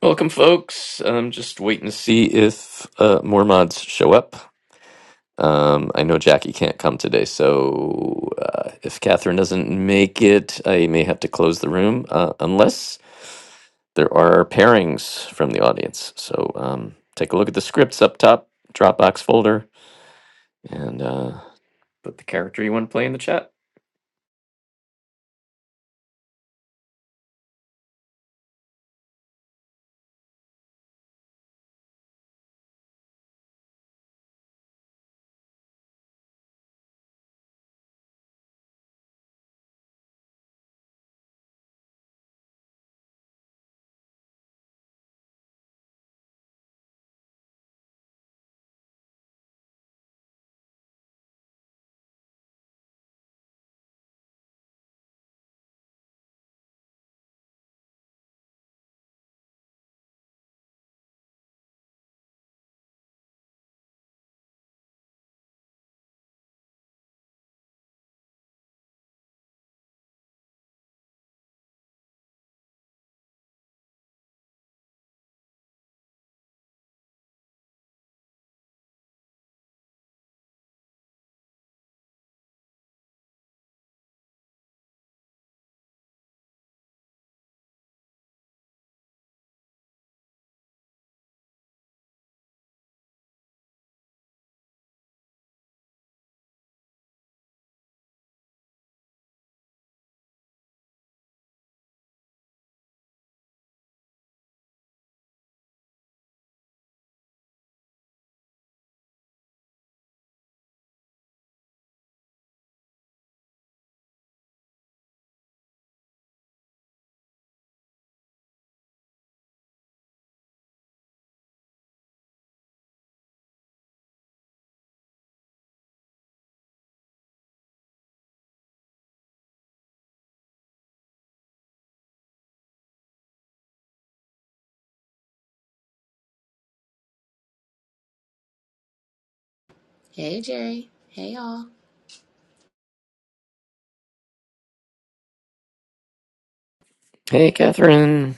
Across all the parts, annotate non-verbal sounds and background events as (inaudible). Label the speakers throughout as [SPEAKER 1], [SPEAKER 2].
[SPEAKER 1] Welcome, folks. I'm just waiting to see if uh, more mods show up. Um, I know Jackie can't come today, so uh, if Catherine doesn't make it, I may have to close the room uh, unless there are pairings from the audience. So um, take a look at the scripts up top, Dropbox folder, and uh, put the character you want to play in the chat.
[SPEAKER 2] Hey Jerry. Hey y'all.
[SPEAKER 1] Hey, Catherine.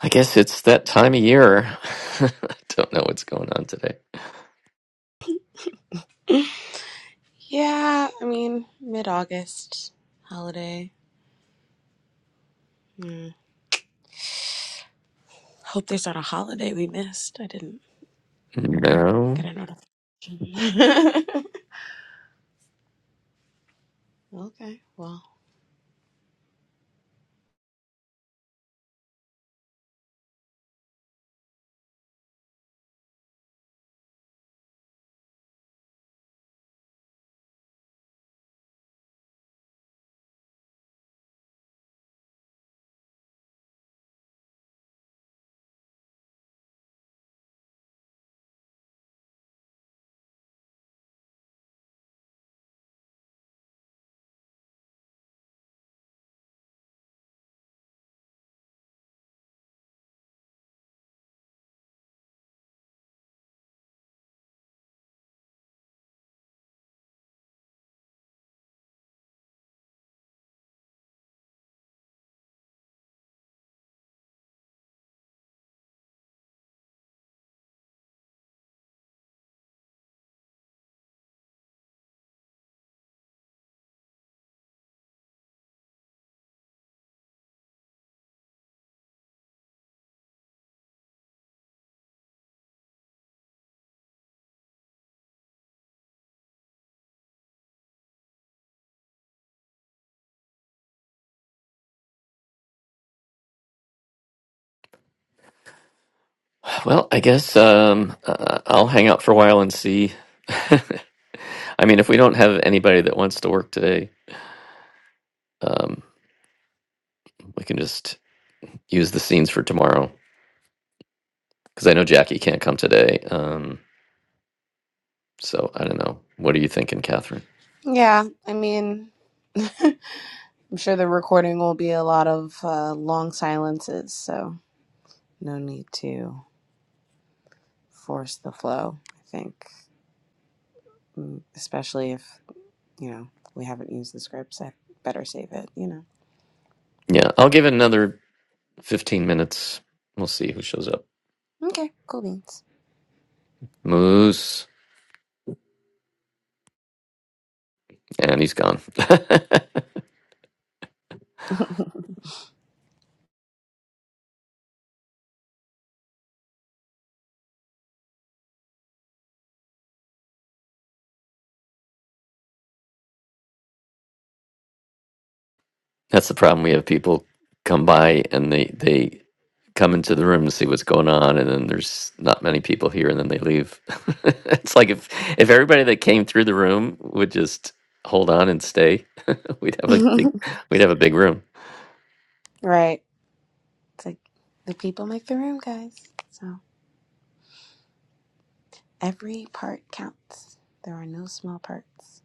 [SPEAKER 1] I guess it's that time of year. (laughs) I don't know what's going on today.
[SPEAKER 2] Yeah, I mean, mid August holiday. Hope there's not a holiday we missed. I didn't
[SPEAKER 1] No.
[SPEAKER 2] get a notification. (laughs) Okay. Well,
[SPEAKER 1] Well, I guess um, uh, I'll hang out for a while and see. (laughs) I mean, if we don't have anybody that wants to work today, um, we can just use the scenes for tomorrow because I know Jackie can't come today. Um, so I don't know. What are you thinking, Catherine?
[SPEAKER 2] yeah, I mean, I'm sure the recording will be a lot of uh, long silences, so no need to force the flow, I think. Mm, Especially if, you know, we haven't used the scripts, I better save it, you know.
[SPEAKER 1] Yeah, I'll give it another 15 minutes. We'll see who shows up.
[SPEAKER 2] Okay, cool beans.
[SPEAKER 1] Moose. And he's gone. (laughs) That's the problem. We have people come by and they, they come into the room to see what's going on and then there's not many people here and then they leave (laughs) it's like if if everybody that came through the room would just hold on and stay (laughs) we'd have a big we'd have a big room
[SPEAKER 2] (laughs) right. It's like the people make the room, guys. So every part counts. There are no small parts.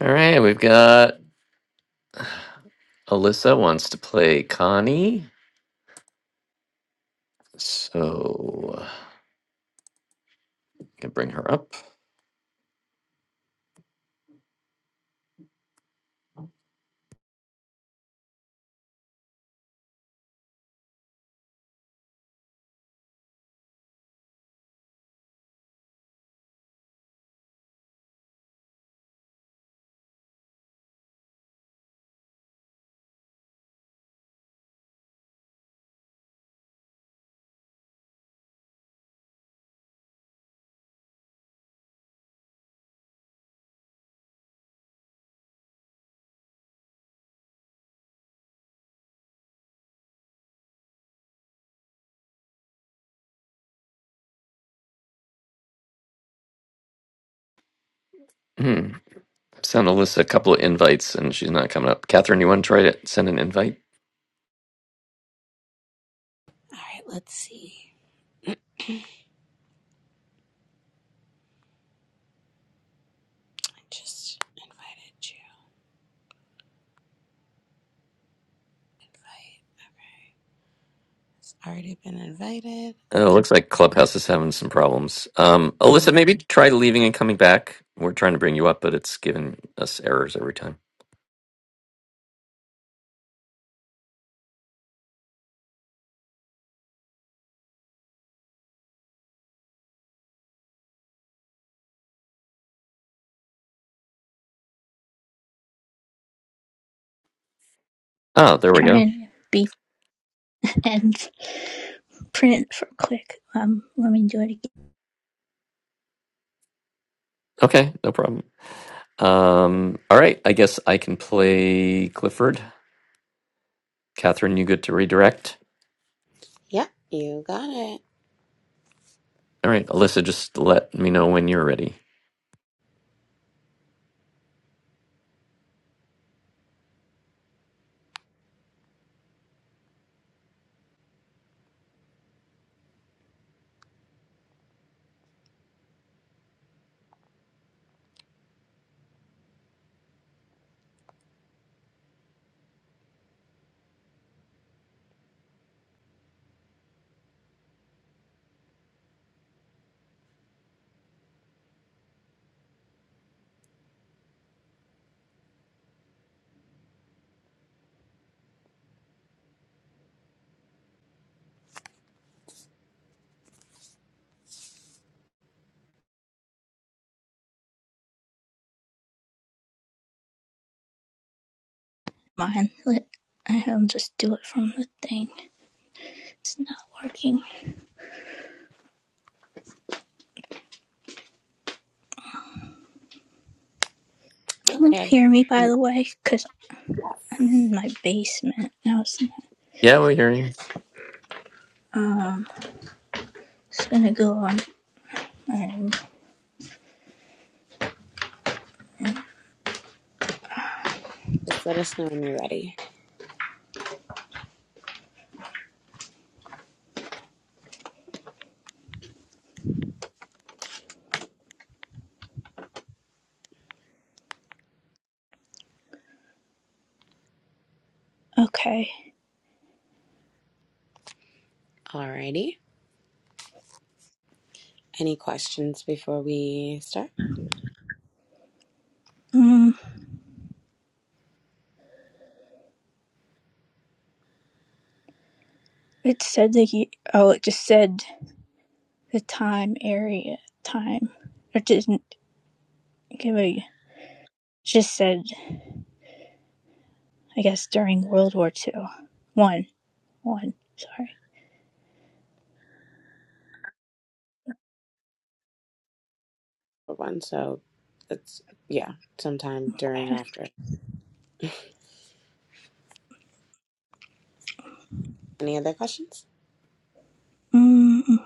[SPEAKER 1] all right we've got alyssa wants to play connie so i can bring her up hmm. send alyssa a couple of invites and she's not coming up catherine you want to try to send an invite
[SPEAKER 2] All right, let's see. I just invited you. Invite. Okay. It's already been invited.
[SPEAKER 1] Oh, it
[SPEAKER 2] Okay.
[SPEAKER 1] looks like Clubhouse is having some problems. Um, Alyssa,
[SPEAKER 2] Mm.
[SPEAKER 1] maybe try leaving and coming back. We're trying to bring you up, but it's giving us errors every time. Oh, there we
[SPEAKER 3] try
[SPEAKER 1] go.
[SPEAKER 3] and be and print it for quick. Um, let me do it again.
[SPEAKER 1] Okay, no problem. Um, all right, I guess I can play Clifford. Catherine, you good to redirect?
[SPEAKER 2] Yep, you got it.
[SPEAKER 1] All right, Alyssa, just let me know when you're ready.
[SPEAKER 3] Mine. Let I will just do it from the thing. It's not working. Can you
[SPEAKER 2] Okay.
[SPEAKER 3] hear me by the way? Cause I'm
[SPEAKER 2] Yes.
[SPEAKER 3] in my basement. Now it's not-
[SPEAKER 1] Yeah, we're hearing you.
[SPEAKER 3] um. It's gonna go on. um,
[SPEAKER 2] Just let us know when you're ready.
[SPEAKER 3] Okay.
[SPEAKER 2] Alrighty. Any questions before we start?
[SPEAKER 3] Um. It said the ye- oh. It just said the time area time. It didn't give a. it Just said I guess during World War Two. One. One. Sorry.
[SPEAKER 2] For One. So it's, yeah, sometime during or after. Any other questions?
[SPEAKER 3] Mm,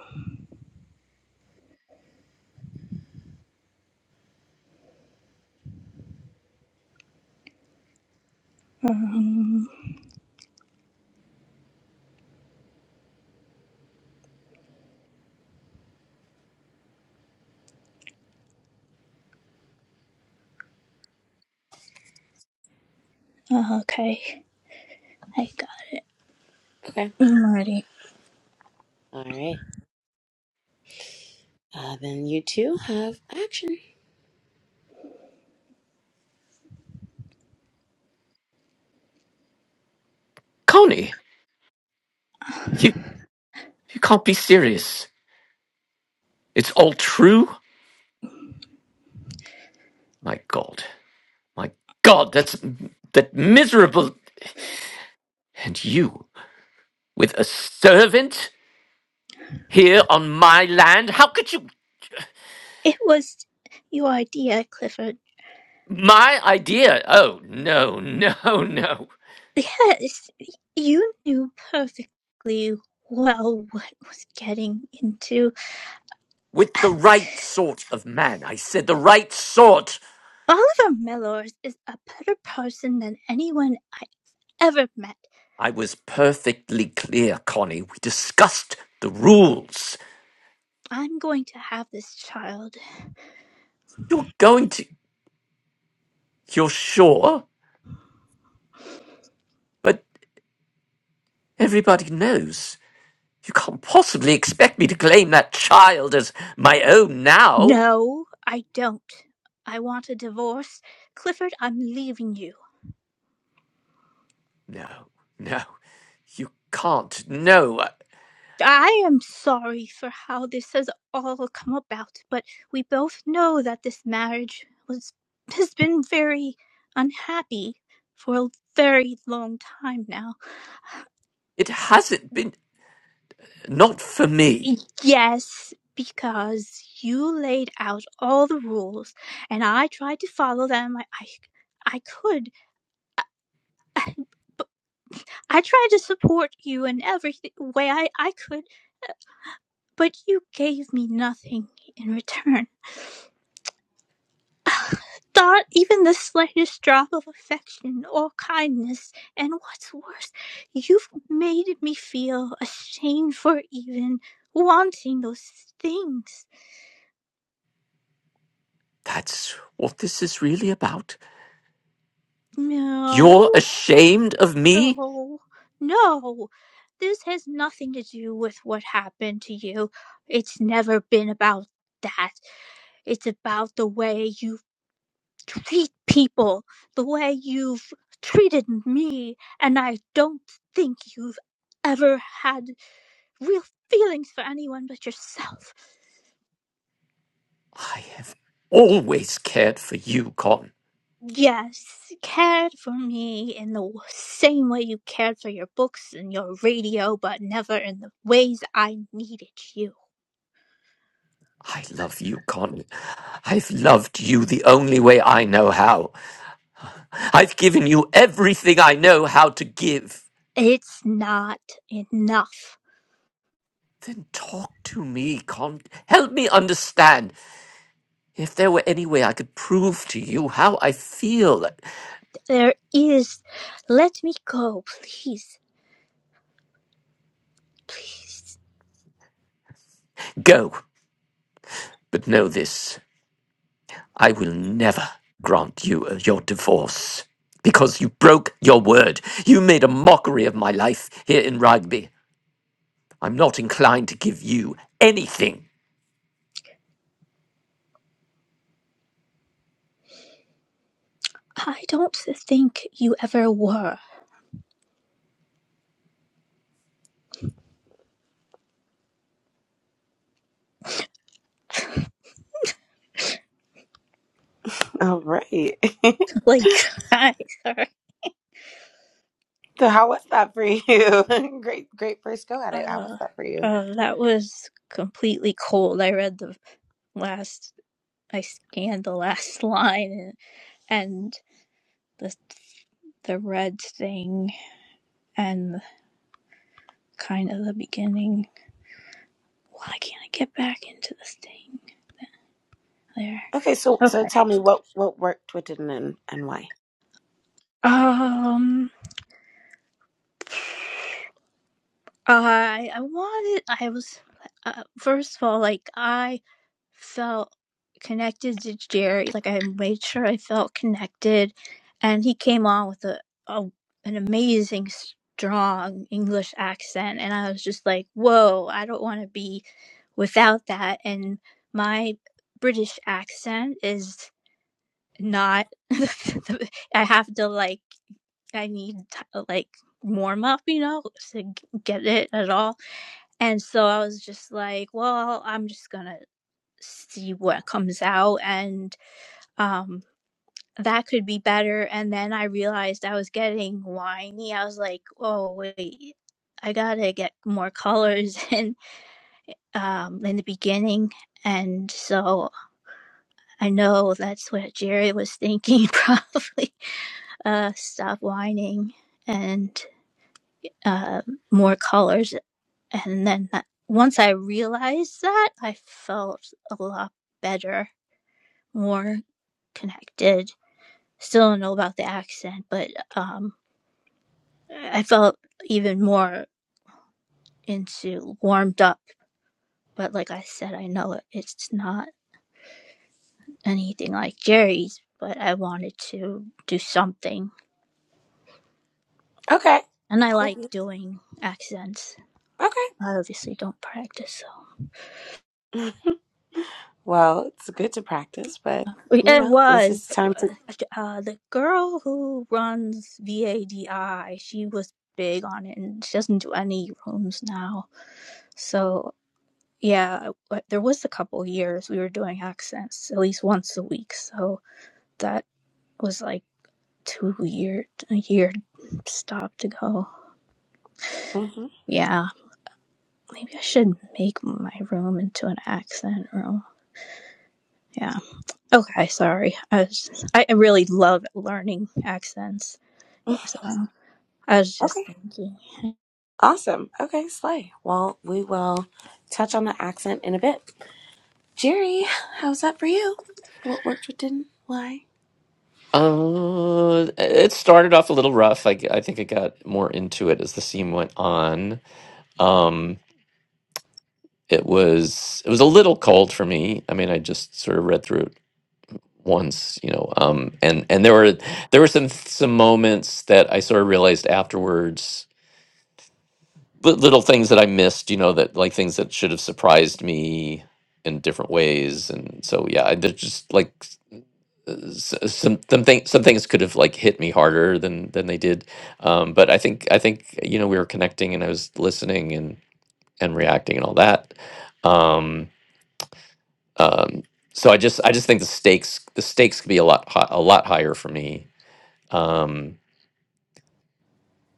[SPEAKER 3] um, okay, I got.
[SPEAKER 2] Okay.
[SPEAKER 3] I'm ready.
[SPEAKER 2] All right. Uh, then you two have action.
[SPEAKER 1] Connie, you, you can't be serious. It's all true? My God. My God, that's that miserable. And you, with a servant? here on my land? How could you?
[SPEAKER 3] It was your idea, Clifford.
[SPEAKER 1] My idea. Oh, no, (laughs) no, no.
[SPEAKER 3] Yes, you knew perfectly well what was getting into.
[SPEAKER 1] With the right sort of man. I said the right sort.
[SPEAKER 3] Oliver Mellors is a better person than anyone I ever met.
[SPEAKER 1] I was perfectly clear, Connie. We discussed the rules.
[SPEAKER 3] I'm going to have this child.
[SPEAKER 1] You're going to. You're sure? But everybody knows. You can't possibly expect me to claim that child as my own now.
[SPEAKER 3] No, I don't. I want a divorce. Clifford, I'm leaving you.
[SPEAKER 1] No, no, you can't. No,
[SPEAKER 3] I am sorry for how this has all come about, but we both know that this marriage was (laughs) has been very unhappy for a very long time now.
[SPEAKER 1] it hasn't been. Not for me.
[SPEAKER 3] Yes, because you laid out all the rules and I tried to follow them. I I, I could, but I tried to support you in every th- way I, I could, but you gave me nothing in return. Not even the slightest drop of affection or kindness, and what's worse, you've made me feel ashamed for even wanting those things.
[SPEAKER 1] That's what this is really about. You're
[SPEAKER 3] No,
[SPEAKER 1] ashamed of me?
[SPEAKER 3] no, no. This has nothing to do with what happened to you. It's never been about that. It's about the way you treat people, the way you've treated me, and I don't think you've ever had real feelings for anyone but yourself.
[SPEAKER 1] I have always cared for you, Con.
[SPEAKER 3] Yes, cared for me in the same way you cared for your books and your radio, but never in the ways I needed you.
[SPEAKER 1] I love you, Con. I've loved you the only way I know how. I've given you everything I know how to give.
[SPEAKER 3] It's not enough.
[SPEAKER 1] Then talk to me, Con. Help me understand. If there were any way I could prove to you how I feel,
[SPEAKER 3] There is. Let me go, please. Please.
[SPEAKER 1] go. But know this. I will never grant you uh, your divorce because you broke your word. You made a mockery of my life here in Rugby. I'm not inclined to give you anything.
[SPEAKER 3] I don't think you ever were. (laughs)
[SPEAKER 2] All right. (laughs)
[SPEAKER 3] Like, hi, Sorry.
[SPEAKER 2] So how was that for you? (laughs) great, great first go at it. How was
[SPEAKER 3] Uh,
[SPEAKER 2] that for you?
[SPEAKER 3] uh, that was completely cold. I read the last I scanned the last (laughs) line and, the the red thing and kind of the beginning. Why can't I get back into this thing? There.
[SPEAKER 2] Okay, so so tell
[SPEAKER 3] Okay.
[SPEAKER 2] me what what worked, what didn't, and, and why.
[SPEAKER 3] Um. I I wanted. I was. Uh, first of all, like I felt connected to Jerry. Like I made sure I felt connected, and he came on with a, a an amazing, strong English accent, and I was just like, "Whoa! I don't want to be without that." And my British accent is not. (laughs) I have to like. I need to, like warm up, you know, to g- get it at all. And so I was just like, well, I'm just gonna see what comes out and um that could be better and then i realized i was getting whiny i was like oh wait i gotta get more colors (laughs) in um in the beginning and so i know that's what jerry was thinking (laughs) probably uh stop whining and uh more colors and then that, once i realized that i felt a lot better more connected still don't know about the accent, but um, I felt even more into warmed up. But like I said, I know it, it's not anything like Jerry's, but I wanted to do something,
[SPEAKER 2] Okay,
[SPEAKER 3] and I like
[SPEAKER 2] cool.
[SPEAKER 3] doing accents.
[SPEAKER 2] Okay.
[SPEAKER 3] I obviously don't practice, so
[SPEAKER 2] (laughs) Well, it's good to practice, but you
[SPEAKER 3] it
[SPEAKER 2] know, this is
[SPEAKER 3] was it
[SPEAKER 2] time to.
[SPEAKER 3] was uh, the girl who runs VADI. She was big on it, and she doesn't do any rooms now. So Yeah, I- there was a couple years we were doing accents at least once a week, so that was like two year a year stop to go.
[SPEAKER 2] Mhm.
[SPEAKER 3] Yeah, maybe I should make my room into an accent room. Yeah. Okay, sorry. I was I I really love learning accents. Yeah,
[SPEAKER 2] (laughs)
[SPEAKER 3] so I was
[SPEAKER 2] Okay.
[SPEAKER 3] just thinking.
[SPEAKER 2] Awesome. Okay, Slay. Well, we will touch on the accent in a bit. Jerry, how's that for you? What worked, what didn't, why?
[SPEAKER 1] Uh, it started off a little rough. I, I think I got more into it as the scene went on. Um, it was it was a little cold for me. I mean, I just sort of read through it once, you know. Um, and and there were there were some some moments that I sort of realized afterwards. li- little things that I missed, you know, that like things that should have surprised me in different ways, and so yeah, I, there's just like s- s- s- uh, some some things some things could have like hit me harder than than they did, um, but I think I think you know we were connecting and I was listening and and reacting and all that, um, um, so I just I just think the stakes the stakes could be a lot hi- a lot higher for me. Um,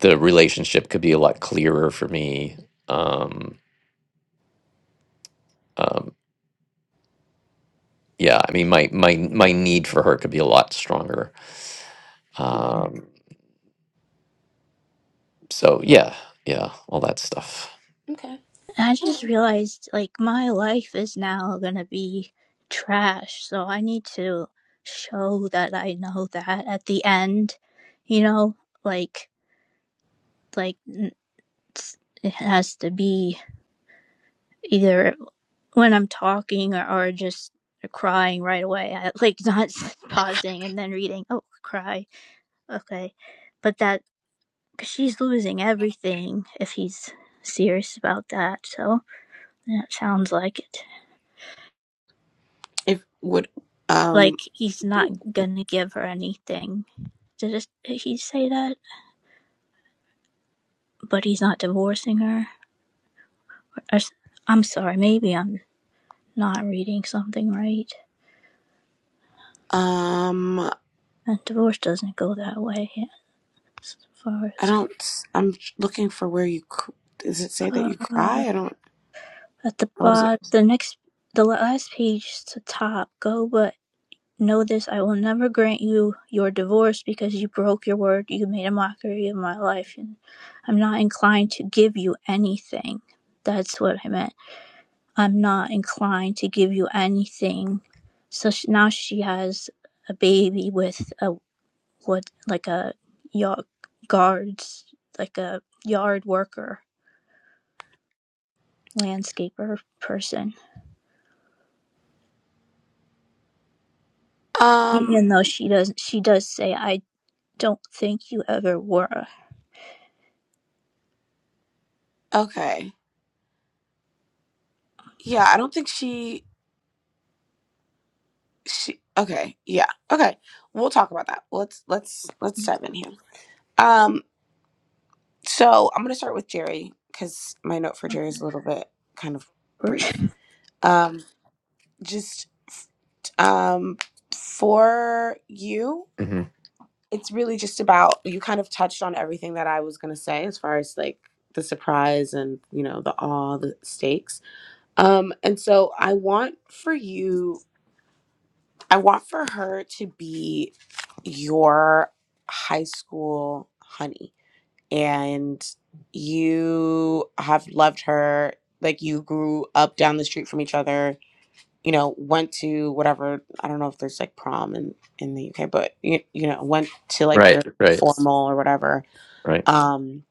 [SPEAKER 1] the relationship could be a lot clearer for me. Um, um, yeah i mean my my my need for her could be a lot stronger
[SPEAKER 2] hmm
[SPEAKER 1] um so yeah yeah all that stuff
[SPEAKER 2] Okay.
[SPEAKER 3] And I just realized like my life is now gonna be trash, so I need to show that I know that at the end, you know, like like it's- it has to be either when I'm talking or, or just crying right away, I, like not (laughs) pausing and then reading. Oh, cry, okay, but that cause she's losing everything if he's serious about that. So that sounds like it.
[SPEAKER 2] If would um
[SPEAKER 3] Like he's not gonna give her anything. Did, it, did he say that? But he's not divorcing her. Or s- I'm sorry. Maybe I'm not reading something right.
[SPEAKER 2] um
[SPEAKER 3] And divorce doesn't go that way. As far
[SPEAKER 2] I
[SPEAKER 3] as
[SPEAKER 2] don't. I'm looking for where you. cr- Does it say that you
[SPEAKER 3] uh,
[SPEAKER 2] cry? I don't.
[SPEAKER 3] at the
[SPEAKER 2] How was it?
[SPEAKER 3] bottom, the next, the last page to top. Go, but know this: I will never grant you your divorce because you broke your word. You made a mockery of my life, and I'm not inclined to give you anything. That's what I meant. I'm not inclined to give you anything. So sh now she has a baby with a what like a yard guards like a yard worker landscaper person.
[SPEAKER 2] Um.
[SPEAKER 3] Even though she does she does say I don't think you ever were
[SPEAKER 2] Okay. Yeah. I don't think she. She. Okay. Yeah. Okay. We'll talk about that. Let's let's let's dive in here. Um. So I'm going to start with Jerry because my note for Jerry
[SPEAKER 3] (laughs)
[SPEAKER 2] is a little bit kind of brief. Um, just um, for you,
[SPEAKER 1] hmm
[SPEAKER 2] it's really just about you kind of touched on everything that I was going to say as far as like the surprise and you know the awe, the stakes. Um, and so I want for you, I want for her to be your high school honey and you have loved her like you grew up down the street from each other you know went to whatever i don't know if there's like prom in in the uk but you, you know went to like your
[SPEAKER 1] right right
[SPEAKER 2] formal or whatever
[SPEAKER 1] right
[SPEAKER 2] um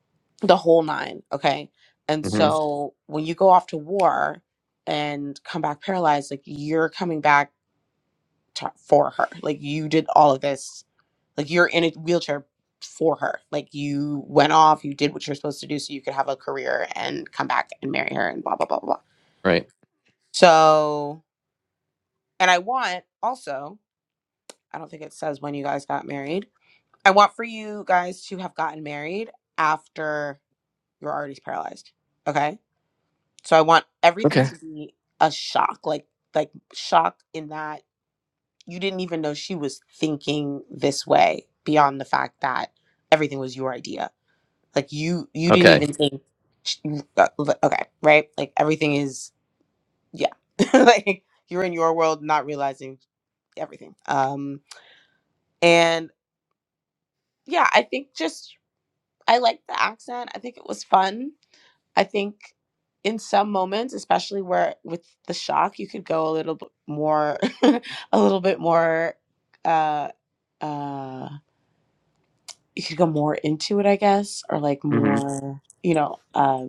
[SPEAKER 2] the whole nine okay and
[SPEAKER 1] hmm
[SPEAKER 2] so when you go off to war and come back paralyzed like you're coming back to, for her like you did all of this like you're in a wheelchair for her. Like you went off, you did what you're supposed to do so you could have a career and come back and marry her and blah blah blah blah. blah.
[SPEAKER 1] right
[SPEAKER 2] So, and I want also, I don't think it says when you guys got married. I want for you guys to have gotten married after you're already paralyzed. Okay? So I want everything
[SPEAKER 1] okay
[SPEAKER 2] to be a shock, like like shock in that you didn't even know she was thinking this way beyond the fact that everything was your idea Like you you didn't
[SPEAKER 1] okay
[SPEAKER 2] even think sh- uh, li- okay, right? Like everything is yeah. (laughs) like you're in your world not realizing everything. Um and yeah, I think just I like the accent. I think it was fun. I think in some moments, especially where with the shock, you could go a little bit more (laughs) a little bit more uh uh you could go more into it, I guess, or like
[SPEAKER 1] hmm
[SPEAKER 2] more, you know, uh,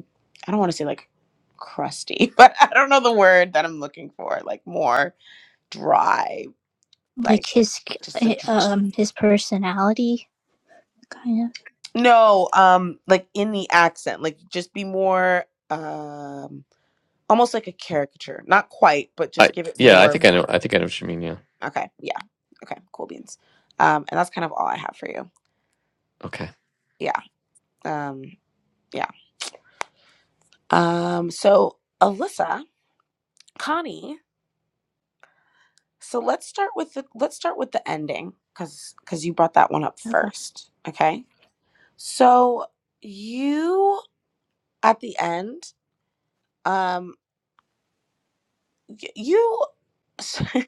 [SPEAKER 2] I don't want to say like crusty, (laughs) but I don't know the word that I'm looking for, like more dry,
[SPEAKER 3] like
[SPEAKER 2] like
[SPEAKER 3] his
[SPEAKER 2] just a dr-
[SPEAKER 3] um his personality kind
[SPEAKER 2] no, um, like in the accent, like just be more, um, almost like a caricature, not quite, but
[SPEAKER 1] i
[SPEAKER 2] just give it
[SPEAKER 1] yeah i
[SPEAKER 2] more.
[SPEAKER 1] think i know i think i know what you mean yeah
[SPEAKER 2] Okay, yeah, okay, cool beans. Um, and that's kind of all I have for you.
[SPEAKER 1] okay
[SPEAKER 2] Yeah, um, yeah. Um, so Alyssa, Connie. So let's start with the let's start with the ending cuz cuz you brought that one up
[SPEAKER 3] of okay.
[SPEAKER 2] first, okay? So you at the end um y- you (laughs)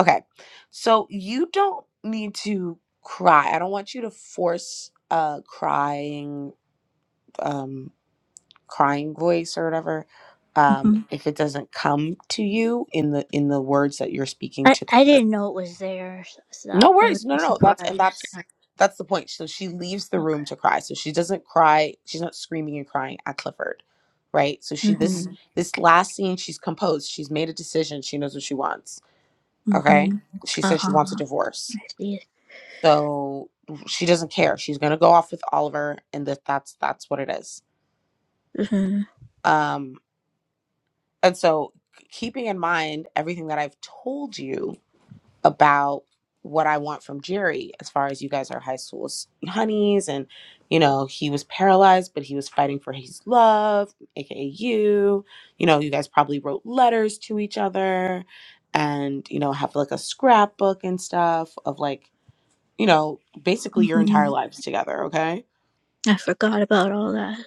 [SPEAKER 2] Okay. So you don't need to cry. I don't want you to force a crying um crying voice or whatever um
[SPEAKER 3] hmm
[SPEAKER 2] if it doesn't come to you in the in the words that you're speaking
[SPEAKER 3] I
[SPEAKER 2] to
[SPEAKER 3] I
[SPEAKER 2] the
[SPEAKER 3] didn't know it was there. So
[SPEAKER 2] No
[SPEAKER 3] it was
[SPEAKER 2] worries. No,
[SPEAKER 3] a
[SPEAKER 2] no, no. That's and
[SPEAKER 3] surprise.
[SPEAKER 2] that's that's the point. So she leaves the room
[SPEAKER 3] Okay.
[SPEAKER 2] to cry. So she doesn't cry. She's not screaming and crying at Clifford, right? So she
[SPEAKER 3] Mhm.
[SPEAKER 2] this this last scene, she's composed. She's made a decision. She knows what she wants. Okay.
[SPEAKER 3] Mm-hmm.
[SPEAKER 2] She says she wants a
[SPEAKER 3] Uh-huh.
[SPEAKER 2] divorce.
[SPEAKER 3] I see it.
[SPEAKER 2] So she doesn't care. She's gonna go off with Oliver, and that that's that's what it is.
[SPEAKER 3] Mm-hmm.
[SPEAKER 2] Um, and so keeping in mind everything that I've told you about what I want from Jerry as far as you guys are high school honeys and you know he was paralyzed but he was fighting for his love aka you you know you guys probably wrote letters to each other and you know have like a scrapbook and stuff of like you know basically your entire
[SPEAKER 3] Mm-hmm.
[SPEAKER 2] lives together okay
[SPEAKER 3] I forgot about all that.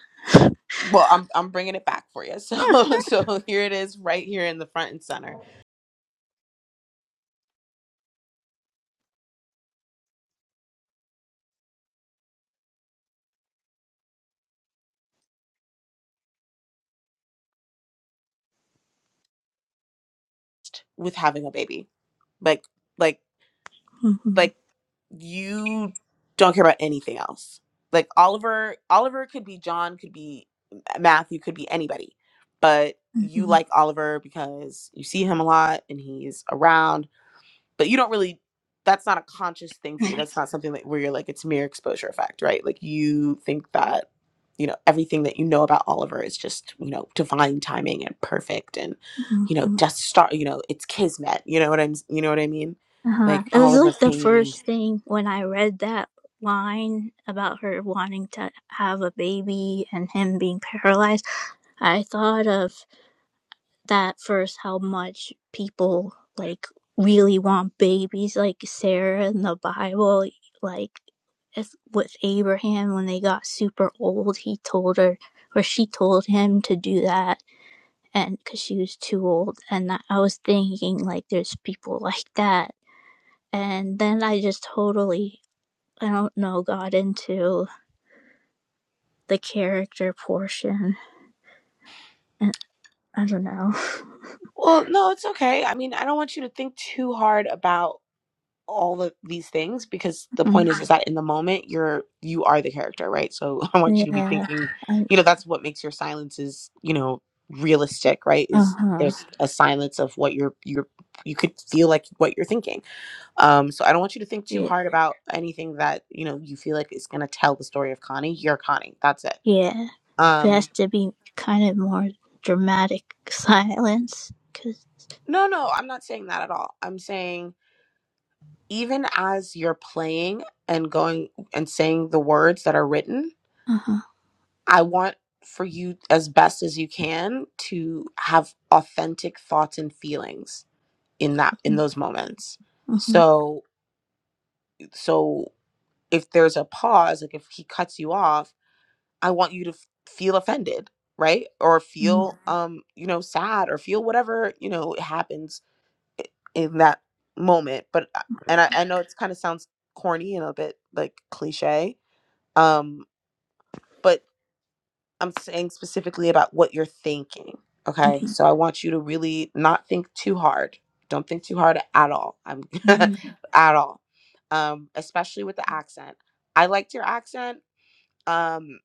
[SPEAKER 2] well I'm I'm bringing it back for you (laughs) so so here it is right here in the front and center with having a baby like like
[SPEAKER 3] Mm-hmm.
[SPEAKER 2] like you don't care about anything else. Like Oliver, Oliver could be John, could be uh, Matthew, could be anybody, but you
[SPEAKER 3] Mm-hmm.
[SPEAKER 2] like Oliver because you see him a lot and he's around, but you don't really. That's not a conscious thing for you.
[SPEAKER 3] Yeah.
[SPEAKER 2] That's not something that where you're like it's mere exposure effect, right? Like you think that you know everything that you know about Oliver is just you know divine timing and perfect and you know
[SPEAKER 3] Mm-hmm.
[SPEAKER 2] just start you know it's kismet. You know what I'm you know what I mean?
[SPEAKER 3] Uh-huh.
[SPEAKER 2] Like
[SPEAKER 3] It was
[SPEAKER 2] Oliver
[SPEAKER 3] like the
[SPEAKER 2] Kane.
[SPEAKER 3] first thing when I read that line about her wanting to have a baby and him being paralyzed. I thought of that first how much people like really want babies like sarah in the bible like if, with abraham when they got super old he told her or she told him to do that and because she was too old and i was thinking like there's people like that and then i just totally i don't know got into the character portion and i don't know
[SPEAKER 2] Well, no, it's okay. I mean, I don't want you to think too hard about all of these things because the point is is that in the moment you're you are the character, right? So (laughs) I want
[SPEAKER 3] (laughs)
[SPEAKER 2] you to be
[SPEAKER 3] yeah
[SPEAKER 2] thinking, you know, that's what makes your silences, you know, realistic, right? Is
[SPEAKER 3] uh-huh
[SPEAKER 2] there's a silence of what you're you're you could feel like what you're thinking. Um so I don't want you to think too
[SPEAKER 3] yeah.
[SPEAKER 2] hard about anything that, you know, you feel like is going to tell the story of Connie. You're Connie. That's it.
[SPEAKER 3] Yeah, there
[SPEAKER 2] Um
[SPEAKER 3] has to be kind of more dramatic (laughs) silence, cause
[SPEAKER 2] no, no, I'm not saying that at all. I'm saying even as you're playing and going and saying the words that are written,
[SPEAKER 3] uh-huh,
[SPEAKER 2] I want for you as best as you can to have authentic thoughts and feelings in that in
[SPEAKER 3] uh-huh,
[SPEAKER 2] those moments.
[SPEAKER 3] uh-huh,
[SPEAKER 2] So so if there's a pause, like if he cuts you off, I want you to f- feel offended, right? Or feel um, you know, sad or feel whatever, you know, happens i- in that moment but I- and i, I know it's kind of sounds corny and a bit like cliche um but i'm saying specifically about what you're thinking
[SPEAKER 3] uh-huh. uh
[SPEAKER 2] okay so i want you to really not think too hard don't think too hard at all i'm (laughs)
[SPEAKER 3] huh.
[SPEAKER 2] at all um especially with the accent i liked your accent um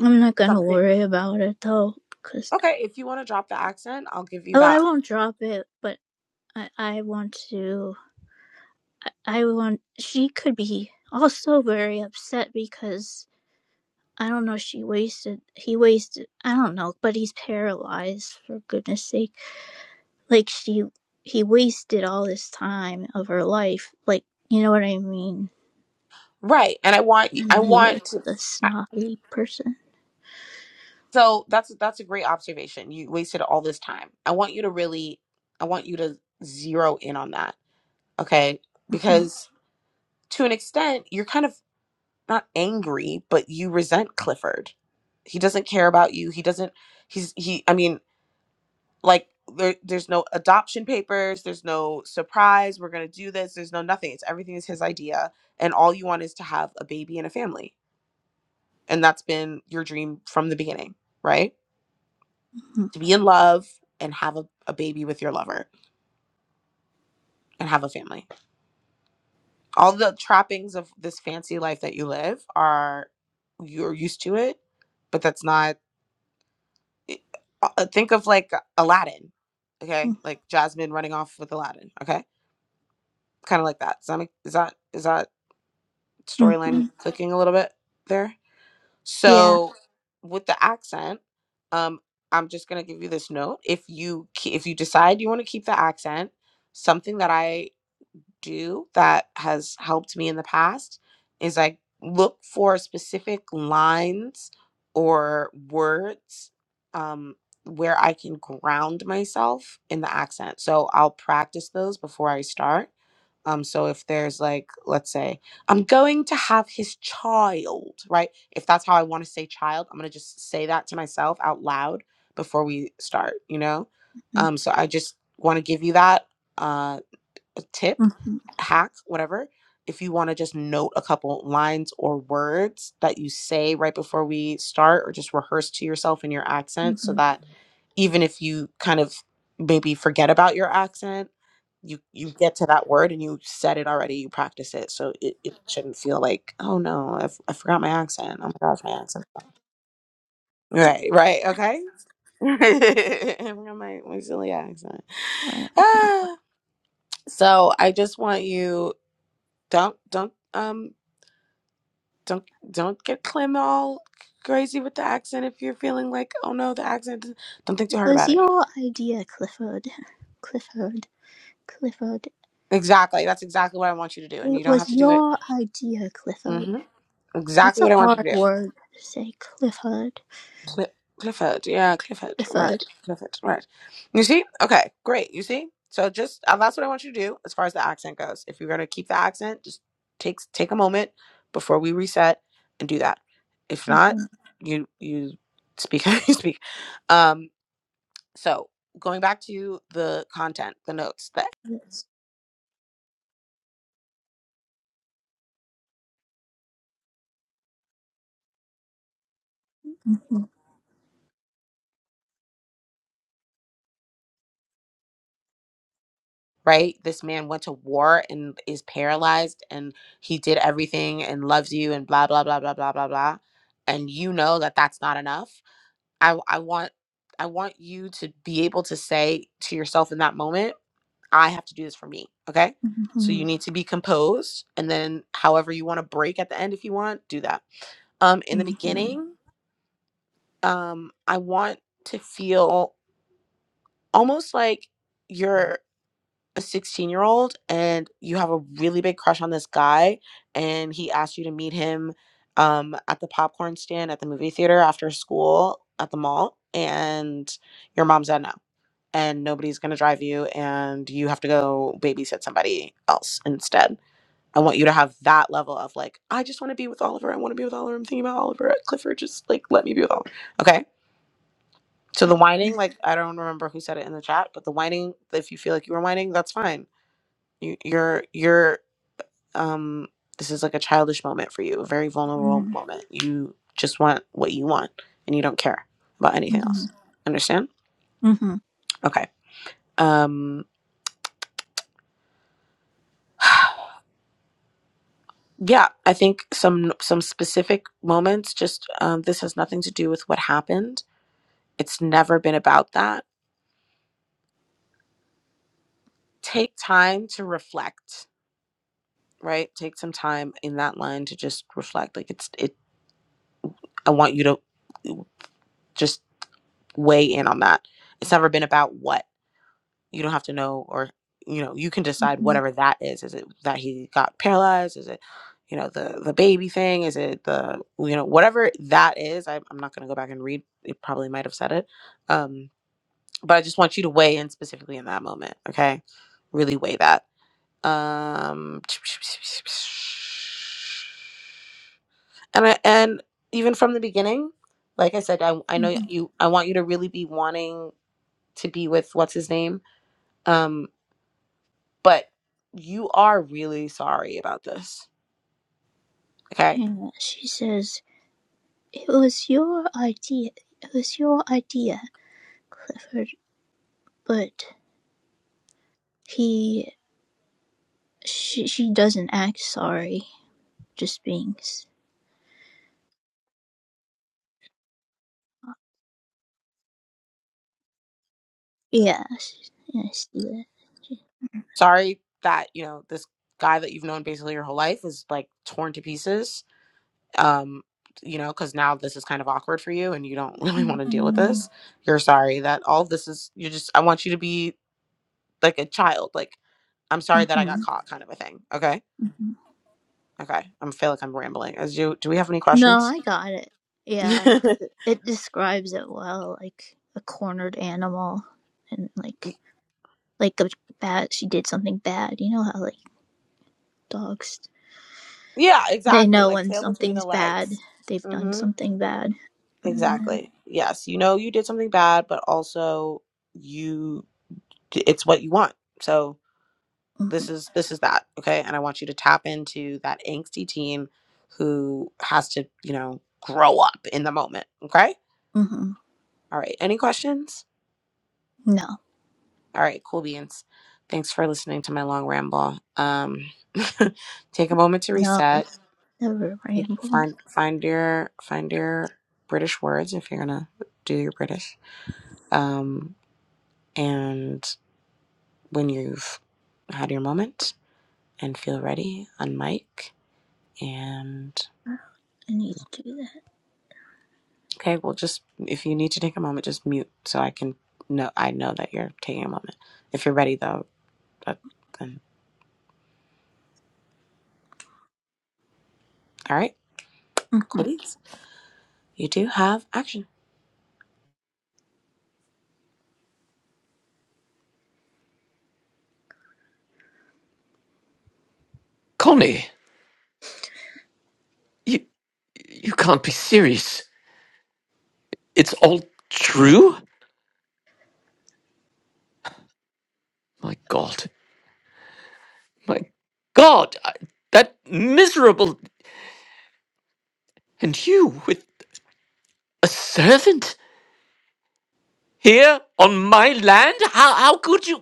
[SPEAKER 3] I'm not gonna
[SPEAKER 2] something
[SPEAKER 3] worry about it though, cause
[SPEAKER 2] okay if you want to drop the accent i'll give you
[SPEAKER 3] oh, I
[SPEAKER 2] that
[SPEAKER 3] won't drop it, but I I want to, I, I want. She could be also very upset because I don't know. She wasted. He wasted. I don't know, but he's paralyzed for goodness sake. like she he wasted all this time of her life like you know what i mean
[SPEAKER 2] right and i want y- i
[SPEAKER 3] and he is
[SPEAKER 2] want to
[SPEAKER 3] a snobby person
[SPEAKER 2] So that's that's a great observation. You wasted all this time. I want you to really I want you to zero in on that. Okay?
[SPEAKER 3] (laughs)
[SPEAKER 2] Because to an extent, you're kind of not angry, but you resent Clifford. He doesn't care about you. He doesn't he's he I mean, like there, there's no adoption papers, there's no surprise, we're going to do this, there's no nothing. It's everything is his idea and all you want is to have a baby and a family. And that's been your dream from the beginning, right?
[SPEAKER 3] Mhm,
[SPEAKER 2] to be in love and have a, a baby with your lover and have a family. All the trappings of this fancy life that you live are you're used to it, but that's not. eh, uh, uh, Think of like Aladdin, okay?
[SPEAKER 3] mhm,
[SPEAKER 2] Like Jasmine running off with Aladdin, okay? Kind of like that. Is that make, is that is that
[SPEAKER 3] mhm,
[SPEAKER 2] storyline
[SPEAKER 3] mhm.
[SPEAKER 2] clicking a little bit there?
[SPEAKER 3] yeah
[SPEAKER 2] So with the accent, um, I'm just gonna give you this note. If you ke- if you decide you want to keep the accent, something that I do that has helped me in the past is I look for specific lines or words um, where I can ground myself in the accent. So I'll practice those before I start. Um, so if there's like, let's say, I'm going to have his child, right? If that's how I want to say child, I'm gonna just say that to myself out loud before we start, you know?
[SPEAKER 3] mhm,
[SPEAKER 2] Um, so I just want to give you that uh, a tip
[SPEAKER 3] mhm,
[SPEAKER 2] hack, whatever, if you want to just note a couple lines or words that you say right before we start, or just rehearse to yourself in your accent so
[SPEAKER 3] mhm.
[SPEAKER 2] that even if you kind of maybe forget about your accent, you, you get to that word and you said it already, you practice it. So it, it shouldn't feel like, oh no, I, f- I forgot my accent. Oh my gosh, my accent. (laughs) Right, right, okay. (laughs) I forgot my, my silly accent.
[SPEAKER 3] Uh,
[SPEAKER 2] (sighs) Ah. So I just want you don't don't um don't don't get Clem all crazy with the accent if you're feeling like oh no the accent is-" don't think too
[SPEAKER 3] it
[SPEAKER 2] hard
[SPEAKER 3] was
[SPEAKER 2] about it
[SPEAKER 3] your idea clifford clifford clifford
[SPEAKER 2] exactly that's exactly what I want you to do and
[SPEAKER 3] it
[SPEAKER 2] you don't have
[SPEAKER 3] was
[SPEAKER 2] to do it
[SPEAKER 3] your idea clifford
[SPEAKER 2] hmm
[SPEAKER 3] that's
[SPEAKER 2] exactly
[SPEAKER 3] a
[SPEAKER 2] what I want you
[SPEAKER 3] hard
[SPEAKER 2] to do
[SPEAKER 3] word to say clifford
[SPEAKER 2] Cl- Clifford yeah Clifford right
[SPEAKER 3] clifford
[SPEAKER 2] Clifford right you see okay great you see so just uh, that's what I want you to do as far as the accent goes if you're gonna keep the accent just take take a moment before we reset and do that
[SPEAKER 3] (laughs)
[SPEAKER 2] if not
[SPEAKER 3] Mhm,
[SPEAKER 2] you you speak (laughs) how you speak um so going back to the content the notes that
[SPEAKER 3] yes. Mhm,
[SPEAKER 2] right this man went to war and is paralyzed and he did everything and loves you and blah blah blah blah blah blah blah and you know that that's not enough i i want i want you to be able to say to yourself in that moment i have to do this for me okay so you
[SPEAKER 3] mhm,
[SPEAKER 2] need to be composed and then however you want to break at the end if you want do that um in the
[SPEAKER 3] mhm, mhm.
[SPEAKER 2] beginning um i want to feel almost like you're a 16 year old and you have a really big crush on this guy and he asked you to meet him um, at the popcorn stand at the movie theater after school at the mall and your mom said no and nobody's going to drive you and you have to go babysit somebody else instead i want you to have that level of like i just want to be with oliver i want to be with oliver i'm thinking about oliver at clifford just like let me be with oliver okay so the
[SPEAKER 3] Oh,
[SPEAKER 2] whining, like I don't remember who said it in the chat, but the whining, if you feel like you were whining, that's fine. You, you're you're um this is like a childish moment for you, a very vulnerable
[SPEAKER 3] mhm,
[SPEAKER 2] moment. You just want what you want and you don't care about anything
[SPEAKER 3] mhm,
[SPEAKER 2] else. Understand?
[SPEAKER 3] mhm,
[SPEAKER 2] Okay. Um yeah, I think some some specific moments just um this has nothing to do with what happened. It's never been about that. Take time to reflect right take some time in that line to just reflect like it's it I want you to just weigh in on that. It's never been about what. You don't have to know or you know, you can decide whatever that is. Is it that he got paralyzed? Is it, you know, the the baby thing? Is it the you know, whatever that is, I, I'm not gonna go back and read. It probably might have said it. Um, but I just want you to weigh in specifically in that moment, okay? Really weigh that. Um and I, and even from the beginning like i said I, I know
[SPEAKER 3] Yeah,
[SPEAKER 2] you i want you to really be wanting to be with what's his name um but you are really sorry about this okay
[SPEAKER 3] she says, It was your idea. It was your idea, Clifford. But he. She, she doesn't act sorry. Just being. Yeah. she- yeah, I see that. She-
[SPEAKER 2] sorry that you know this guy that you've known basically your whole life is like torn to pieces um you know because now this is kind of awkward for you and you don't (laughs) really want to deal with this
[SPEAKER 3] Mhm.
[SPEAKER 2] you're sorry that all of this is you just i want you to be like a child like i'm sorry that i got
[SPEAKER 3] Mhm.
[SPEAKER 2] caught kind of a thing okay
[SPEAKER 3] Mhm.
[SPEAKER 2] Okay, i feel like I'm rambling. As you, do we have any
[SPEAKER 3] No,
[SPEAKER 2] questions?
[SPEAKER 3] I got it.
[SPEAKER 2] (laughs) yeah,
[SPEAKER 3] Yeah, because it, it describes it well, like a cornered animal, and like like a bad. She did something bad. You know how like dogs They
[SPEAKER 2] exactly.
[SPEAKER 3] know
[SPEAKER 2] Like
[SPEAKER 3] when
[SPEAKER 2] tail between the
[SPEAKER 3] something's bad.
[SPEAKER 2] legs.
[SPEAKER 3] They've done
[SPEAKER 2] Mm-hmm.
[SPEAKER 3] something bad. Mm-hmm,
[SPEAKER 2] Exactly. Yes, you know you did something bad, but also you, it's what you want. So this is this is that. Okay, and I want you to tap into that angsty teen who has to, you know, grow up in the moment. Okay.
[SPEAKER 3] hmm
[SPEAKER 2] All right. Any questions?
[SPEAKER 3] No,
[SPEAKER 2] All right. Cool beans. Thanks for listening to my long ramble. Um, (laughs) take a moment to
[SPEAKER 3] no,
[SPEAKER 2] reset
[SPEAKER 3] it's never
[SPEAKER 2] You can
[SPEAKER 3] rambling.
[SPEAKER 2] find find your find your British words if you're gonna do your British. Um, and when you've had your moment and feel ready, unmic and
[SPEAKER 3] I need to do
[SPEAKER 2] okay, well, just if you need to take a moment, just mute so I can know I know that you're taking a moment. If you're ready though, that, then all right,
[SPEAKER 3] that. hmm
[SPEAKER 2] cool
[SPEAKER 3] (laughs)
[SPEAKER 2] beans. You do have action.
[SPEAKER 1] connie you you can't be serious it's all true my god my god I, that miserable and you with a servant here on my land how how could you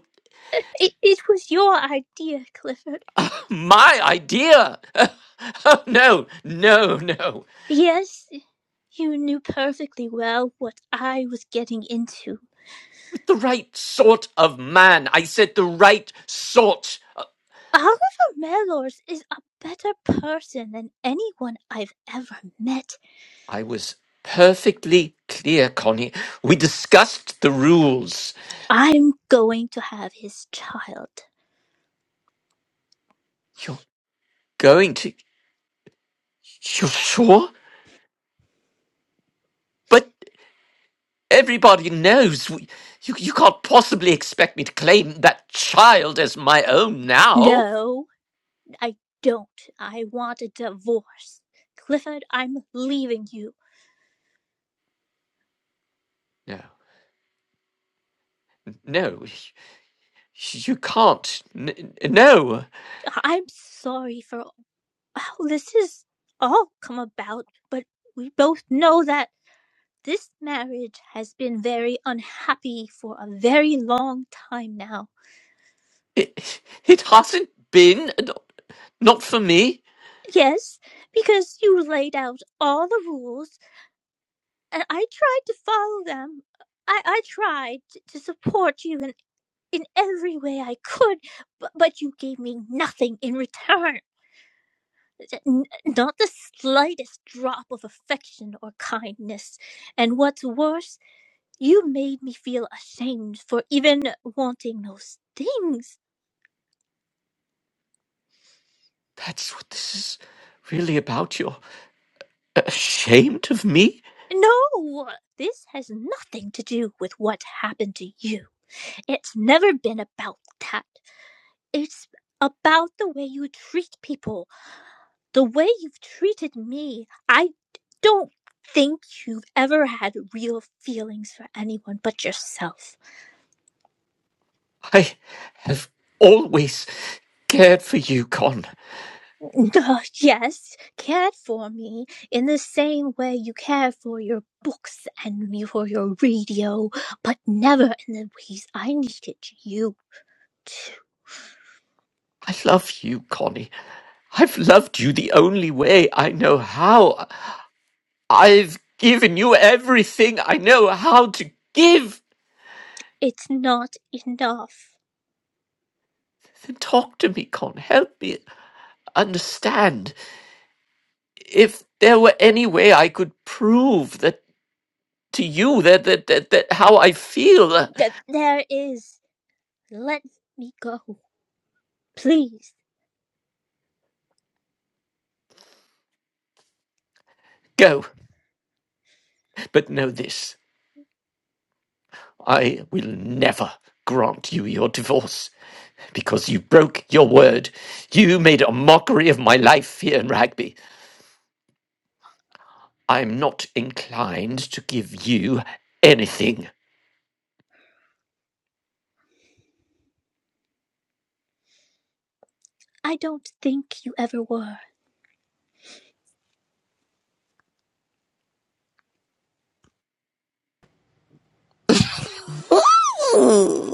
[SPEAKER 3] It, it was your idea, Clifford.
[SPEAKER 1] my idea. (laughs) Oh, no, no, no.
[SPEAKER 3] Yes, you knew perfectly well what I was getting into.
[SPEAKER 1] With the right sort of man. I said the right sort.
[SPEAKER 3] Oliver Mellors is a better person than anyone I've ever met.
[SPEAKER 1] I was perfectly clear, Connie. We discussed the rules.
[SPEAKER 3] I'm going to have his child.
[SPEAKER 1] You're going to. You're sure? But everybody knows. We, you, you can't possibly expect me to claim that child as my own now.
[SPEAKER 3] No, I don't. I want a divorce. Clifford, I'm leaving you.
[SPEAKER 1] No, no. You can't. N- n- no.
[SPEAKER 3] I'm sorry for how this has all come about, but we both know that this marriage has been very unhappy for a very long time now.
[SPEAKER 1] It, it hasn't been. Not for me.
[SPEAKER 3] Yes, because you laid out all the rules, and I tried to follow them. I, I tried t- to support you in, in every way I could, but, but you gave me nothing in return. n- not the slightest drop of affection or kindness. And what's worse, you made me feel ashamed for even wanting those things.
[SPEAKER 1] That's what this is really about. You're ashamed of me?
[SPEAKER 3] No, this has nothing to do with what happened to you. It's never been about that. It's about the way you treat people, the way you've treated me. I don't think you've ever had real feelings for anyone but yourself.
[SPEAKER 1] I have always cared for you, Con.
[SPEAKER 3] Uh, (laughs) yes, cared for me in the same way you care for your books and for your radio, but never in the ways I needed you to.
[SPEAKER 1] I love you, Connie. I've loved you the only way I know how. I've given you everything I know how to give.
[SPEAKER 3] It's not enough.
[SPEAKER 1] Then talk to me, Con. Help me understand. If there were any way I could prove that to you that that, that, that how I feel, uh,
[SPEAKER 3] Th- There is. Let me go, please.
[SPEAKER 1] go. But know this. I will never grant you your divorce because you broke your word. You made a mockery of my life here in Rugby. I'm not inclined to give you anything.
[SPEAKER 3] I don't think you ever were,
[SPEAKER 2] Ooh.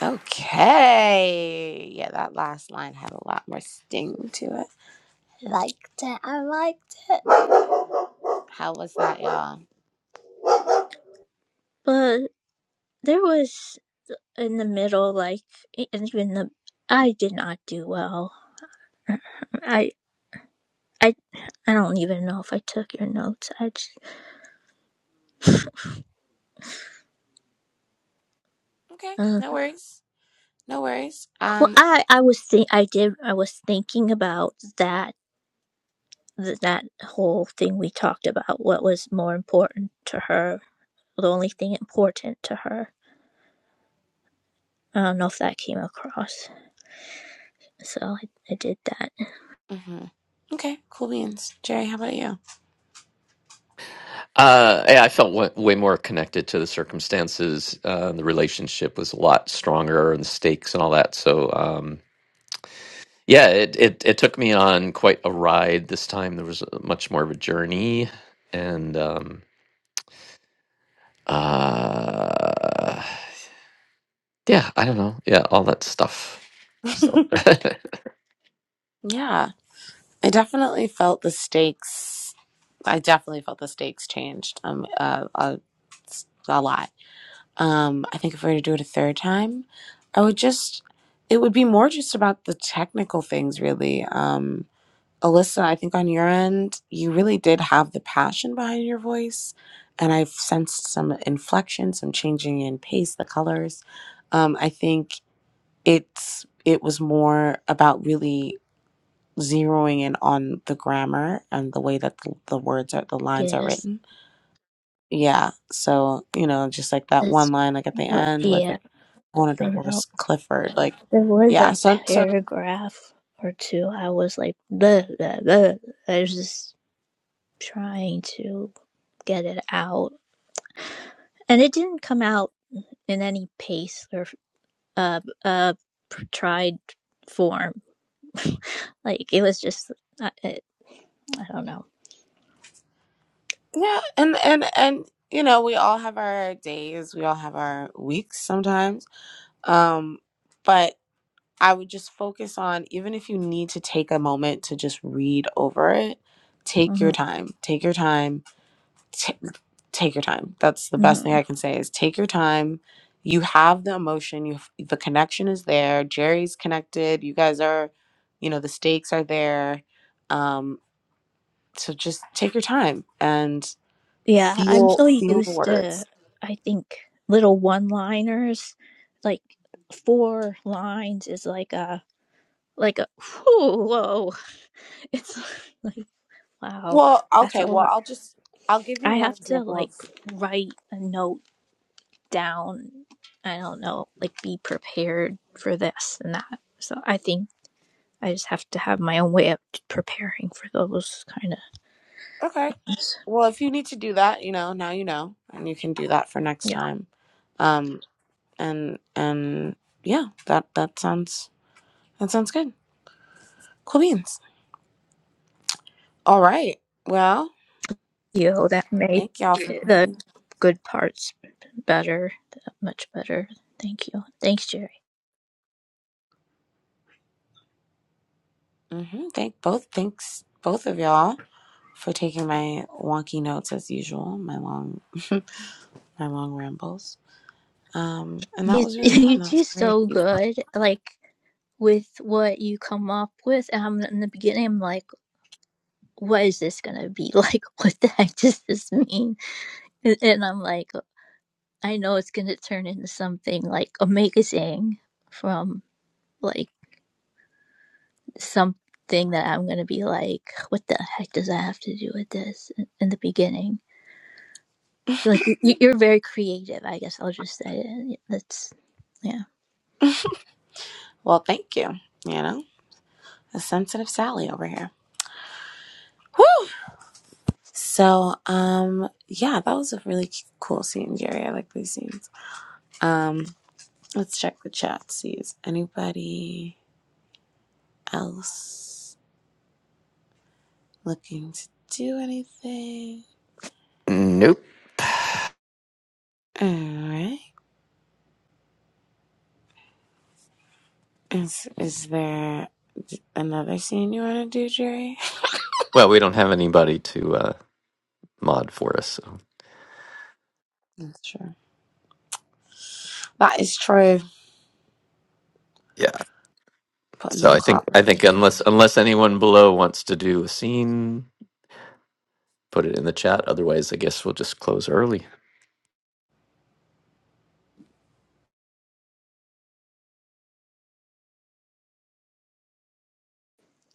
[SPEAKER 2] Okay, yeah, that last line had a lot more sting to it. Liked it. I liked it. How was that, y'all?
[SPEAKER 3] but there was in the middle, like e- and even the. I did not do well. I I I don't even know if I took your notes. I just.
[SPEAKER 2] Okay,
[SPEAKER 3] uh,
[SPEAKER 2] no worries. No worries.
[SPEAKER 3] Well,
[SPEAKER 2] Um,
[SPEAKER 3] I I was think I did I was thinking about that th- that whole thing we talked about. What was more important to her? The only thing important to her. I don't know if that came across. So I, I did that.
[SPEAKER 2] mhm. okay, cool beans. Jerry, how about you?
[SPEAKER 1] Uh, yeah, I felt way, way more connected to the circumstances. Uh, the relationship was a lot stronger, and the stakes and all that. So, um, Yeah, it, it it took me on quite a ride this time. There was a- much more of a journey, and um, uh, yeah, I don't know, yeah, all that stuff. So
[SPEAKER 2] Yeah, I definitely felt the stakes. I definitely felt the stakes changed um uh, a, a lot. Um, I think if we were to do it a third time, I would just it would be more just about the technical things really. Um, Alyssa, I think on your end, you really did have the passion behind your voice. And I've sensed some inflection, some changing in pace, the colors. Um, I think it's it was more about really zeroing in on the grammar and the way that the, the words are the lines are
[SPEAKER 3] Yes,
[SPEAKER 2] written. Yeah. So, you know, just like that
[SPEAKER 3] that's
[SPEAKER 2] one line like at the
[SPEAKER 3] what.
[SPEAKER 2] end where it's
[SPEAKER 3] Yeah,
[SPEAKER 2] like I want to
[SPEAKER 3] I know.
[SPEAKER 2] divorce Clifford. Like
[SPEAKER 3] There was
[SPEAKER 2] yeah.
[SPEAKER 3] a
[SPEAKER 2] So so
[SPEAKER 3] paragraph or two. I was like, "Bleh, bleh, bleh." I was just trying to get it out, and it didn't come out in any pace A uh, tried form. (laughs) like it was just, I, it, I don't know.
[SPEAKER 2] Yeah, and and and you know, we all have our days, we all have our weeks sometimes. Um, but I would just focus on even if you need to take a moment to just read over it, take your
[SPEAKER 3] hmm
[SPEAKER 2] time. Take your time. T- take your time. That's the best thing
[SPEAKER 3] hmm
[SPEAKER 2] I can say is take your time. You have the emotion, you have, the connection is there. Jerry's connected. You guys are, you know, the stakes are there. Um, so just take your time and
[SPEAKER 3] Yeah, I'm
[SPEAKER 2] Few
[SPEAKER 3] so
[SPEAKER 2] few
[SPEAKER 3] used to,
[SPEAKER 2] words.
[SPEAKER 3] I think, little one-liners. Like four lines is like a like a whew, whoa. (laughs) It's like Wow,
[SPEAKER 2] Well,
[SPEAKER 3] that's
[SPEAKER 2] okay.
[SPEAKER 3] a
[SPEAKER 2] Well,
[SPEAKER 3] lot.
[SPEAKER 2] I'll just I'll give you
[SPEAKER 3] I
[SPEAKER 2] one
[SPEAKER 3] have to
[SPEAKER 2] example
[SPEAKER 3] like
[SPEAKER 2] of
[SPEAKER 3] write a note down. I don't know, like be prepared for this and that. So I think I just have to have my own way of preparing for those kind of
[SPEAKER 2] okay.
[SPEAKER 3] things.
[SPEAKER 2] Well, if you need to do that, you know, now you know, and you can do that for next
[SPEAKER 3] Yeah.
[SPEAKER 2] time. Um, and and yeah, that that sounds that sounds good. Cool beans. All right. Well,
[SPEAKER 3] You know, that made
[SPEAKER 2] thank y'all for.
[SPEAKER 3] the good parts better, much better. Thank you. Thanks, Jerry.
[SPEAKER 2] Mm-hmm. Thank both. Thanks both of y'all for taking my wonky notes as usual. My long (laughs) my long rambles. Um, and that
[SPEAKER 3] You,
[SPEAKER 2] was
[SPEAKER 3] (laughs)
[SPEAKER 2] really
[SPEAKER 3] you
[SPEAKER 2] fun. That
[SPEAKER 3] do
[SPEAKER 2] was
[SPEAKER 3] so
[SPEAKER 2] great.
[SPEAKER 3] good. Like with what you come up with. Um, in the beginning, I'm like, what is this going to be (laughs) like? What the heck does this mean? And, and I'm like, I know it's going to turn into something like amazing from like something that I'm going to be like, what the heck does that have to do with this in, in the beginning? Like, you- you're very creative, I guess I'll just say it. Yeah, That's, yeah.
[SPEAKER 2] Well, thank you. You know, a sensitive Sally over here. Woo! So, um, yeah, that was a really cool scene, Jerry. I like these scenes. Um, let's check the chat. See, is anybody else looking to do anything?
[SPEAKER 1] nope.
[SPEAKER 2] All right. Is is there another scene you want to do, Jerry?
[SPEAKER 1] Well, we don't have anybody to uh, mod for us. So.
[SPEAKER 2] That's true. That is true.
[SPEAKER 1] Yeah.
[SPEAKER 2] Putting
[SPEAKER 1] So
[SPEAKER 2] the
[SPEAKER 1] I think
[SPEAKER 2] cop.
[SPEAKER 1] I think unless unless anyone below wants to do a scene, put it in the chat. Otherwise, I guess we'll just close early.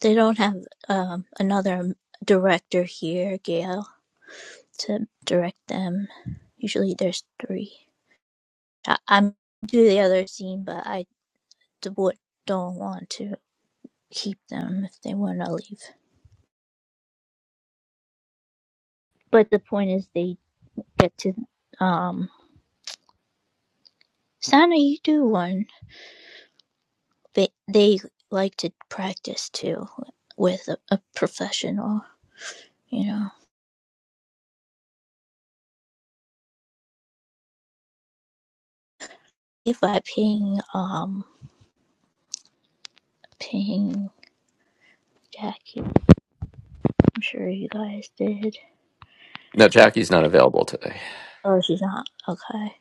[SPEAKER 3] They don't have um, another director here, Gail, to direct them. Usually there's three. I, I'm do the other scene, but I the wood don't want to keep them if they want to leave. But the point is, they get to um. Santa, you do one. They they like to practice too with a, a professional. You know, if I ping um ping Jackie, I'm sure you guys did.
[SPEAKER 1] No, Jackie's not available today.
[SPEAKER 3] Oh, she's not okay.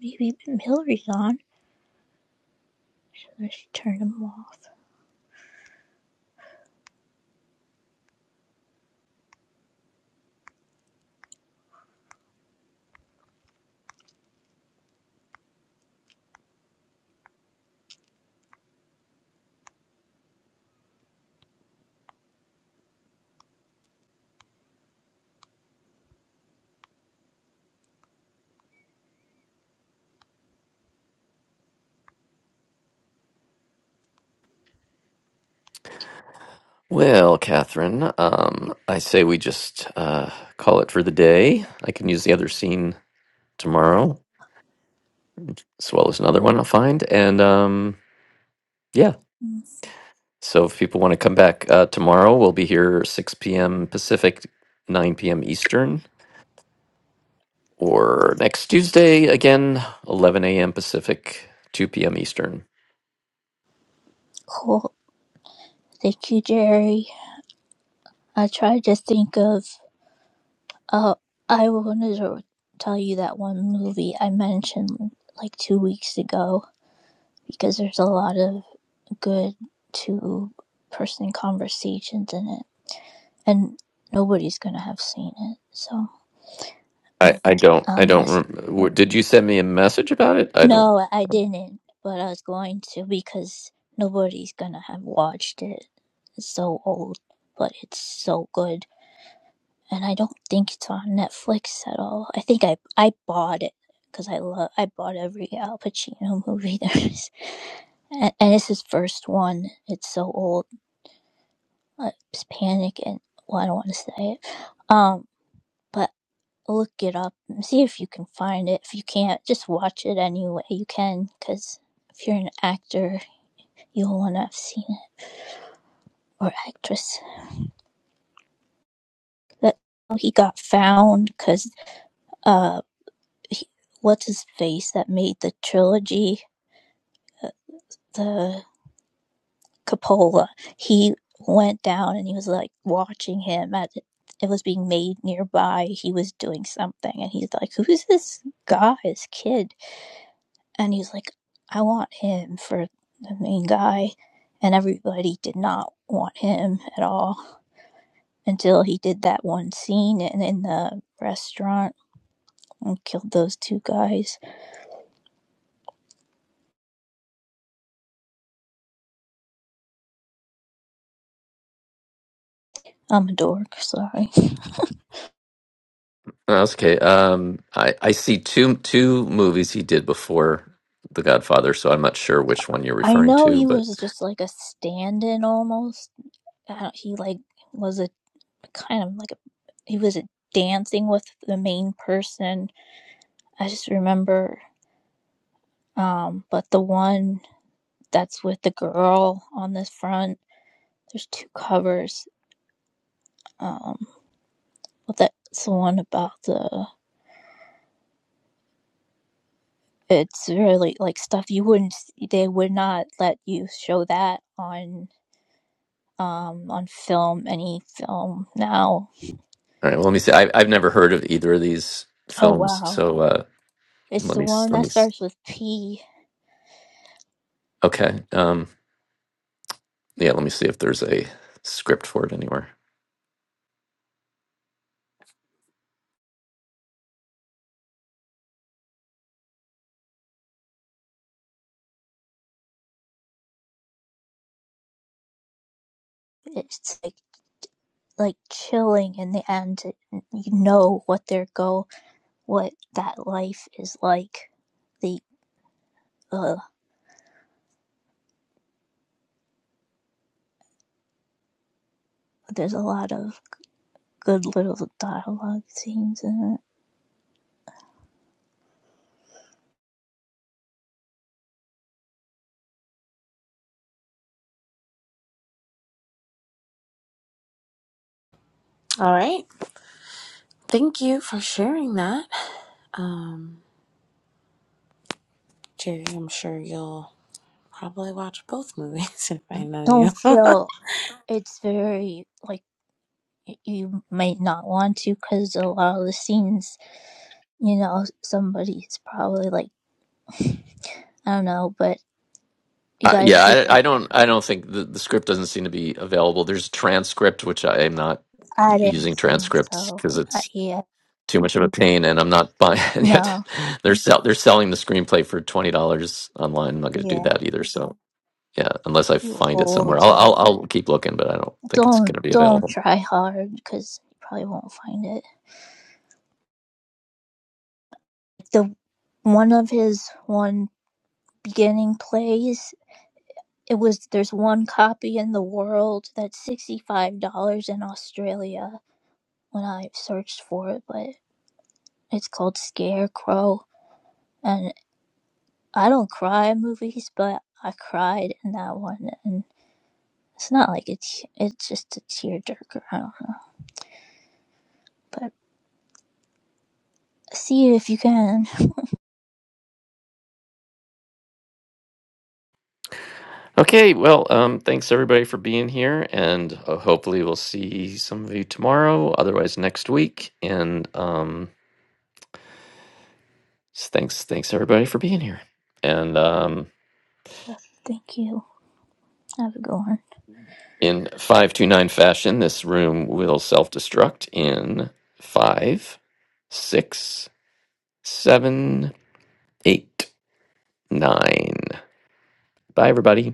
[SPEAKER 3] Maybe Hillary's on. So she turned them off.
[SPEAKER 1] Well, Catherine, um, I say we just uh, call it for the day. I can use the other scene tomorrow, as well as another one I'll find. And um, yeah,
[SPEAKER 3] Mm,
[SPEAKER 1] so if people want to come back uh, tomorrow, we'll be here 6 p.m. Pacific, 9 p.m. Eastern, or next Tuesday, again, 11 a.m. Pacific, 2 p.m. Eastern.
[SPEAKER 3] Cool. Thank you, Jerry. I tried to think of Uh, I wanted to tell you that one movie I mentioned like two weeks ago because there's a lot of good two person conversations in it, and nobody's gonna have seen it, so
[SPEAKER 1] I, I don't I
[SPEAKER 3] I'll
[SPEAKER 1] don't
[SPEAKER 3] mess. it
[SPEAKER 1] rem- w-
[SPEAKER 3] up.
[SPEAKER 1] did you send me a message about it? I don't.
[SPEAKER 3] No, I didn't, but I was going to because nobody's gonna have watched it. It's so old, but it's so good. and I don't think it's on Netflix at all. I think I I bought it because I love I bought every Al Pacino (laughs) movie there is, and, and it's his first one. It's so old. Uh, It's Panic and well, I don't want to say it. Um, but look it up and see if you can find it. If you can't, just watch it anyway you can, because if you're an actor, you'll want to have seen it or actress. That he got found because uh, he, what's his face that made the trilogy the cupola. He went down and he was like watching him at it was being made nearby. He was doing something and he's like, Who's this guy, this kid? And he's like, I want him for the main guy. And everybody did not want him at all until he did that one scene in, in the restaurant and killed those two guys. I'm a dork, sorry.
[SPEAKER 1] No, that's okay. Um, I I see two two movies he did before The Godfather, so I'm not sure which one you're
[SPEAKER 3] I
[SPEAKER 1] referring
[SPEAKER 3] know
[SPEAKER 1] to.
[SPEAKER 3] he
[SPEAKER 1] But
[SPEAKER 3] was just like a stand in almost I don't- he like was a kind of like a he was a dancing with the main person. I just remember, um, but the one that's with the girl on the front, there's two covers. Um, but that's the one about the. It's really like stuff you wouldn't. They would not let you show that on um on film any film now.
[SPEAKER 1] all right, well, let me see. I, I've never heard of either of these
[SPEAKER 3] Oh
[SPEAKER 1] films,
[SPEAKER 3] wow!
[SPEAKER 1] so uh,
[SPEAKER 3] It's
[SPEAKER 1] Let
[SPEAKER 3] the
[SPEAKER 1] me s-
[SPEAKER 3] one
[SPEAKER 1] let me.
[SPEAKER 3] that
[SPEAKER 1] s-
[SPEAKER 3] starts with P.
[SPEAKER 1] Okay. Um. Yeah. Let me see if there's a script for it anywhere.
[SPEAKER 3] It's like like chilling in the end you know what their goal what that life is like the uh there's a lot of good little dialogue scenes in it
[SPEAKER 2] All right. Thank you for sharing that. Um, Jerry, I'm sure you'll Probably watch both movies (laughs) if I know you.
[SPEAKER 3] don't
[SPEAKER 2] (laughs)
[SPEAKER 3] feel it's very like you might not want to because a lot of the scenes you know somebody's probably like (laughs) i don't know but you
[SPEAKER 1] Uh,
[SPEAKER 3] guys
[SPEAKER 1] yeah.
[SPEAKER 3] see
[SPEAKER 1] I,
[SPEAKER 3] it
[SPEAKER 1] I don't. I don't think the, the script doesn't seem to be available. There's a transcript, which I am not y-
[SPEAKER 3] i didn't
[SPEAKER 1] using
[SPEAKER 3] think
[SPEAKER 1] transcripts
[SPEAKER 3] so
[SPEAKER 1] because
[SPEAKER 3] I,
[SPEAKER 1] it's
[SPEAKER 3] yeah
[SPEAKER 1] too much of a pain, and I'm not buying. (laughs) yet,
[SPEAKER 3] no
[SPEAKER 1] they're sell, they're selling the screenplay for twenty dollars online. I'm not going to do
[SPEAKER 3] yeah
[SPEAKER 1] that either. So yeah, unless I
[SPEAKER 3] too
[SPEAKER 1] find it
[SPEAKER 3] old
[SPEAKER 1] somewhere, I'll, I'll I'll keep looking, but I don't think it's going
[SPEAKER 3] Don't
[SPEAKER 1] to be
[SPEAKER 3] don't
[SPEAKER 1] available.
[SPEAKER 3] try hard because you probably won't find it. The one of his one beginning plays. It was there's one copy in the world that's sixty five dollars in Australia when I searched for it, but it's called Scarecrow, and I don't cry at movies, but I cried in that one, and it's not like it's it's just a tearjerker. I don't know, but see it if you can.
[SPEAKER 1] Okay, well, um, thanks everybody for being here, and uh, hopefully we'll see some of you tomorrow. Otherwise, next week. And um, s- thanks, thanks everybody for being here. And um,
[SPEAKER 3] Yeah, Thank you. Have a good one.
[SPEAKER 1] in five two nine fashion, this room will self destruct in five, six, seven, eight, nine. Bye, everybody.